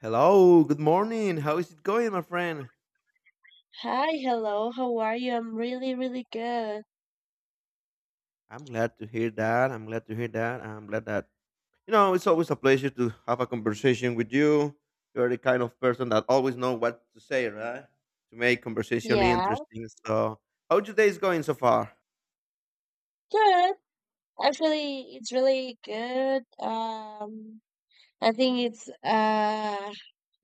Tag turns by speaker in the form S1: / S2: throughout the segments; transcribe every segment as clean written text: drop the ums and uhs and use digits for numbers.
S1: Hello, good morning. How is it going, my friend?
S2: Hi, hello. How are you? I'm really, really good.
S1: I'm glad to hear that. I'm glad to hear that. I'm glad that, you know, It's always a pleasure to have a conversation with you. You're the kind of person that always know what to say, right? To make conversation
S2: Yeah,
S1: interesting. So, how your day is going so far?
S2: good. Actually, it's really good. I think it's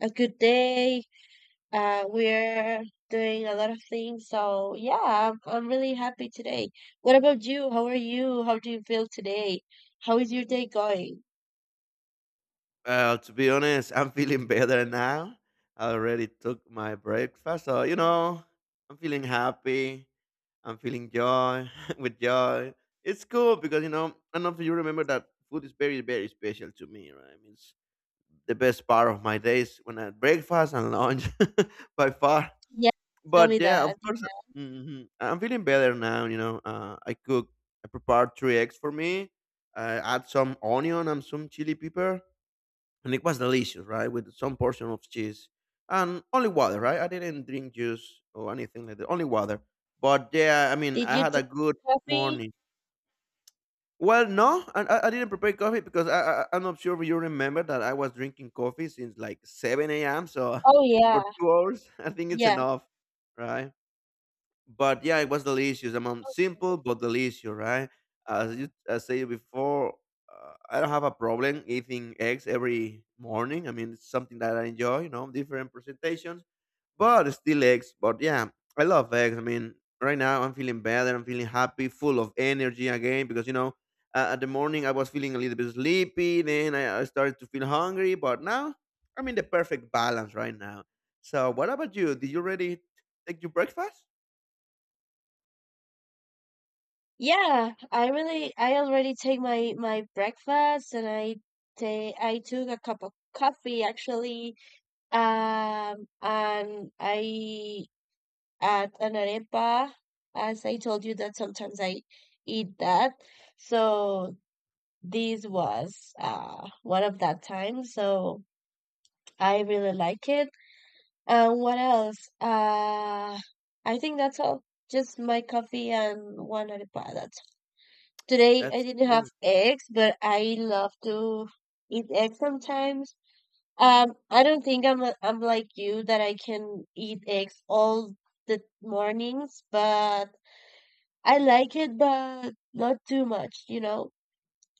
S2: a good day. We're doing a lot of things, so yeah, I'm really happy today. What about you? How are you? How do you feel today? How is your day going?
S1: Well, to be honest, I'm feeling better now. I already took my breakfast, I'm feeling happy. I'm feeling joy with joy. It's cool because I don't know if you remember that food is very, very special to me, right? I mean, it's the best part of my days when I breakfast and lunch by far.
S2: Yeah, tell
S1: But
S2: me
S1: yeah, of
S2: that.
S1: course, I'm feeling better now. I cook, I prepared three eggs for me. I add some onion and some chili pepper, and it was delicious, right? With some portion of cheese and only water, right? I didn't drink juice or anything like that, only water. But yeah, I mean,
S2: Did
S1: I
S2: you
S1: had
S2: take
S1: a good
S2: coffee?
S1: morning. Well, no, I didn't prepare coffee because I'm not sure if you remember that I was drinking coffee since like 7 a.m. So
S2: Oh
S1: for
S2: yeah,
S1: 2 hours, I think it's
S2: yeah.
S1: enough, right? But yeah, it was delicious. I mean, simple but delicious, right? As you I said before, I don't have a problem eating eggs every morning. I mean, it's something that I enjoy. You know, different presentations but still eggs. But yeah, I love eggs. I mean, right now I'm feeling better. I'm feeling happy, full of energy again because you know, at the morning I was feeling a little bit sleepy. Then I started to feel hungry, but now I'm in the perfect balance right now. So what about you? Did you already take your breakfast?
S2: Yeah, I already take my breakfast and I took a cup of coffee actually. And I at an arepa as I told you that sometimes I eat that. So this was one of that time, so I really like it. And what else? I think that's all. Just my coffee and one arepa. That's... Today I
S1: That's
S2: didn't have
S1: cool.
S2: eggs, but I love to eat eggs sometimes. I don't think I'm like you that I can eat eggs all the mornings, but I like it, but not too much, you know?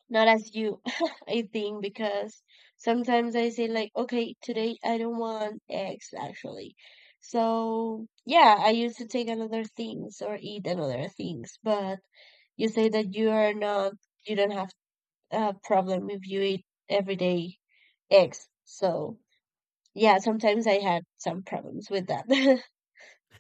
S2: Not as you, I think, because sometimes I say like, okay, today I don't want eggs actually. So yeah, I used to take another things or eat another things, but you say that you are not, you don't have problem if you eat everyday eggs. So yeah, sometimes I had some problems with that.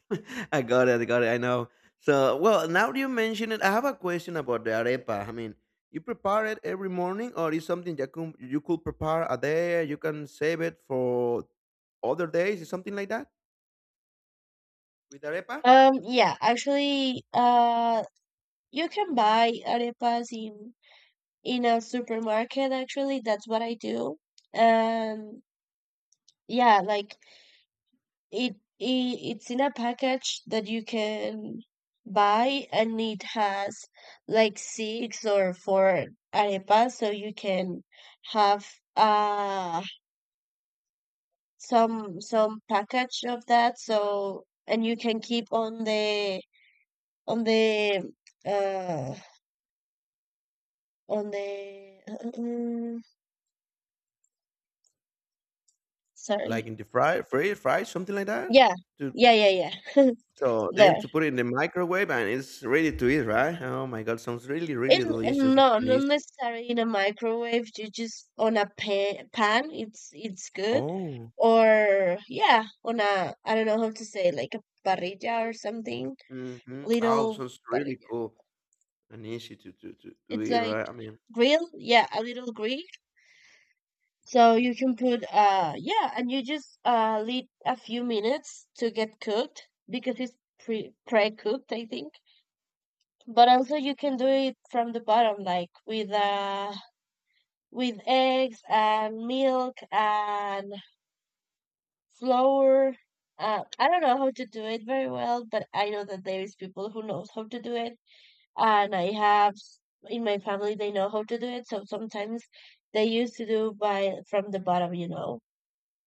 S1: I got it. I got it. I know. So, well, now that you mention it, I have a question about the arepa. I mean, you prepare it every morning, or is something you could prepare a day? You can save it for other days, is something like that with arepa,
S2: Yeah, actually, you can buy arepas in a supermarket. Actually, that's what I do. And yeah, like it's in a package that you can buy, and it has like six or four arepas, so you can have uh some package of that, so and you can keep on on the uh the mm,
S1: like
S2: sorry.
S1: in the fry, something like that.
S2: Yeah,
S1: To
S2: yeah, yeah, yeah.
S1: so then
S2: There
S1: to put it in the microwave and it's ready to eat, right? Oh my god, sounds really,
S2: in,
S1: really delicious
S2: no,
S1: and
S2: not
S1: easy.
S2: necessarily in a microwave, you just on a pan it's good.
S1: Oh,
S2: Or yeah, on a, I don't know how to say, like a parrilla or something,
S1: hmm oh,
S2: little
S1: sounds really
S2: parrilla.
S1: cool and easy to to
S2: It's
S1: eat,
S2: like
S1: right? I mean.
S2: grill, yeah, a little grill. So you can put yeah, and you just leave a few minutes to get cooked because it's pre-cooked, I think. But also you can do it from the bottom, like with eggs and milk and flour. I don't know how to do it very well, but I know that there is people who knows how to do it, and I have in my family they know how to do it. So sometimes they used to do by from the bottom, you know.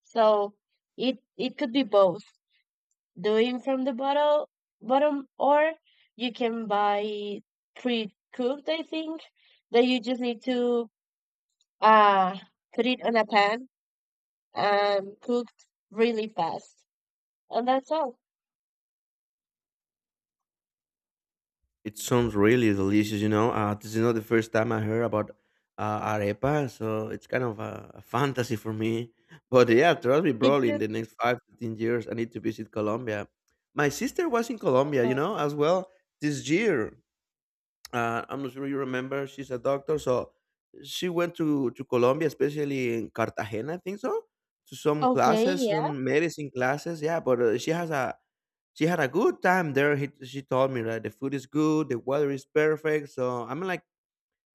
S2: So it could be both, doing from the bottle bottom, or you can buy pre-cooked, I think, that you just need to uh put it on a pan and cook really fast. And that's all.
S1: It sounds really delicious, you know. This is not the first time I heard about arepa, so it's kind of a fantasy for me. But yeah, trust me,
S2: Did
S1: probably in
S2: you?
S1: the next 5 to 10 years, I need to visit Colombia. My sister was in Colombia, you know, as well this year. I'm not sure you remember. She's a doctor, so she went to Colombia, especially in Cartagena, I think so, to some
S2: Okay,
S1: classes,
S2: yeah.
S1: some medicine classes. Yeah, but she has a she had a good time there. He, she told me that the food is good, the weather is perfect. So I'm like,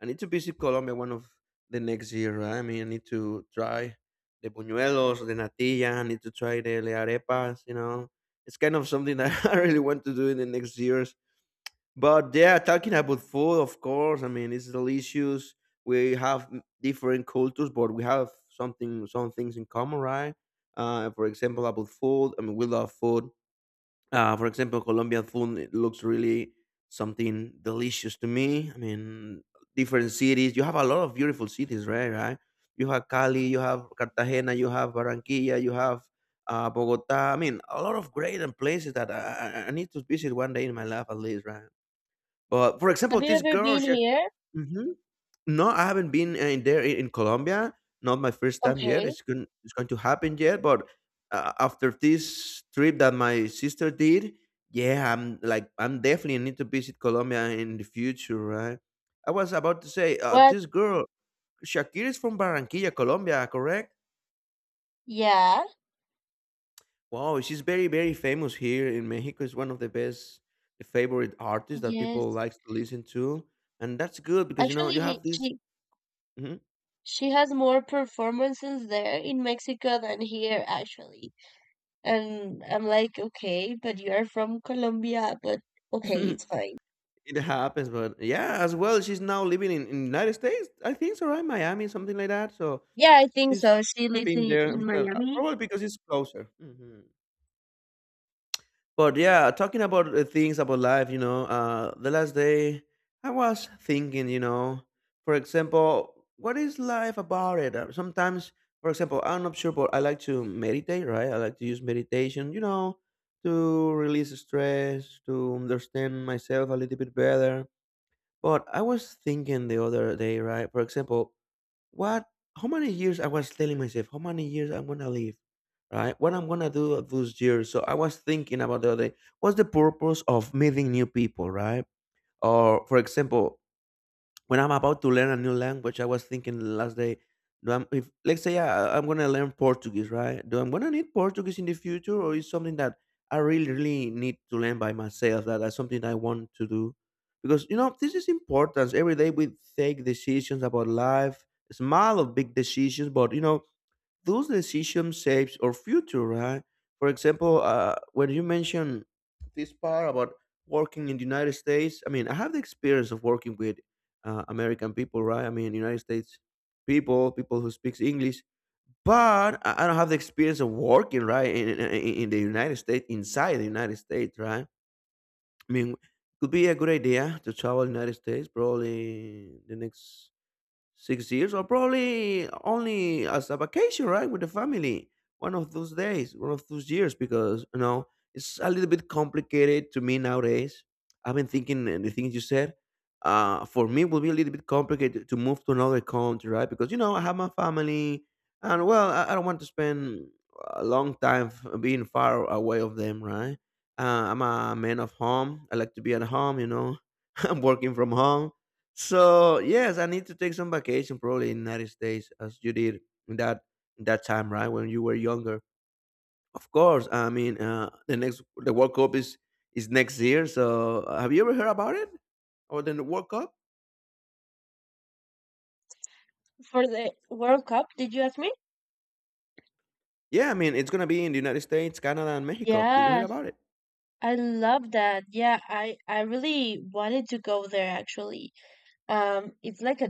S1: I need to visit Colombia one of the next year. Right? I mean, I need to try the buñuelos, the natilla. I need to try the arepas. You know, it's kind of something that I really want to do in the next years. But yeah, talking about food, of course. I mean, it's delicious. We have m- different cultures, but we have something, some things in common, right? For example, about food. I mean, we love food for example, Colombian food it looks really something delicious to me. I mean, different cities. You have a lot of beautiful cities, right? Right. You have Cali, you have Cartagena, you have Barranquilla, you have Bogota. I mean, a lot of great and places that I need to visit one day in my life at least, right? But for example,
S2: Have you
S1: this
S2: ever
S1: girl,
S2: been
S1: she,
S2: here?
S1: mhm. No, I haven't been in there in Colombia. Not my first time yet.
S2: Okay.
S1: It's going to happen yet. But after this trip that my sister did, yeah, I'm definitely need to visit Colombia in the future, right? I was about to say,
S2: What?
S1: this girl Shakira is from Barranquilla, Colombia, correct?
S2: Yeah.
S1: Wow, she's very very famous here in Mexico. Is one of the best favorite artists that people
S2: Yes.
S1: likes to listen to, and that's good because you know
S2: Actually,
S1: you have this. Mhm.
S2: she has more performances there in Mexico than here, actually. And I'm like, okay, but you're from Colombia, but okay, it's fine.
S1: It happens, but yeah, as well. She's now living in United States. I think so, right? Miami, something like that. So
S2: Yeah, I think
S1: she's
S2: so. She lives
S1: been
S2: in,
S1: there,
S2: in Miami.
S1: probably because it's closer. But yeah, talking about things about life, you know, the last day I was thinking, you know, for example, what is life about it? Sometimes, for example, I'm not sure, but I like to meditate, right? I like to use meditation, you know, to release stress, to understand myself a little bit better but I was thinking the other day, right? For example, what, how many years I was telling myself, how many years I'm gonna live, right? What I'm gonna do of those years. So I was thinking about the other day, what's the purpose of meeting new people, right? Or for example, when I'm about to learn a new language, I was thinking last day, do I'm, if let's say uh, I'm gonna learn Portuguese, right? Do I'm gonna need Portuguese in the future, or is something that I really, really need to learn by myself? That's something I want to do, because you know this is important. Every day we take decisions about life, small or big decisions, but you know those decisions shapes our future, right? For example, when you mention this part about working in the United States, I mean I have the experience of working with American people, right? I mean United States people, who speaks English, but I don't have the experience of working right in the United States, inside the United States, right? I mean, could be a good idea to travel United States, probably the next 6 years, or probably only as a vacation, right? With the family, one of those days, one of those years, because you know it's a little bit complicated to me nowadays. I've been thinking and the things you said, for me will be a little bit complicated to move to another country, right? Because you know I have my family, and well I don't want to spend a long time being far away of them, right? uh, I'm a man of home. I like to be at home, you know. I'm working from home, so yes, I need to take some vacation probably in United States as you did in that in that time, right? When you were younger. Of course. I mean, the next the World Cup is next year. So have you ever heard about it? Or the World Cup?
S2: For the World Cup, did you ask me?
S1: Yeah, I mean it's gonna be in the United States, Canada, and Mexico. Did you hear
S2: Yeah,
S1: about it?
S2: I love that. Yeah, I really wanted to go there actually. It's like a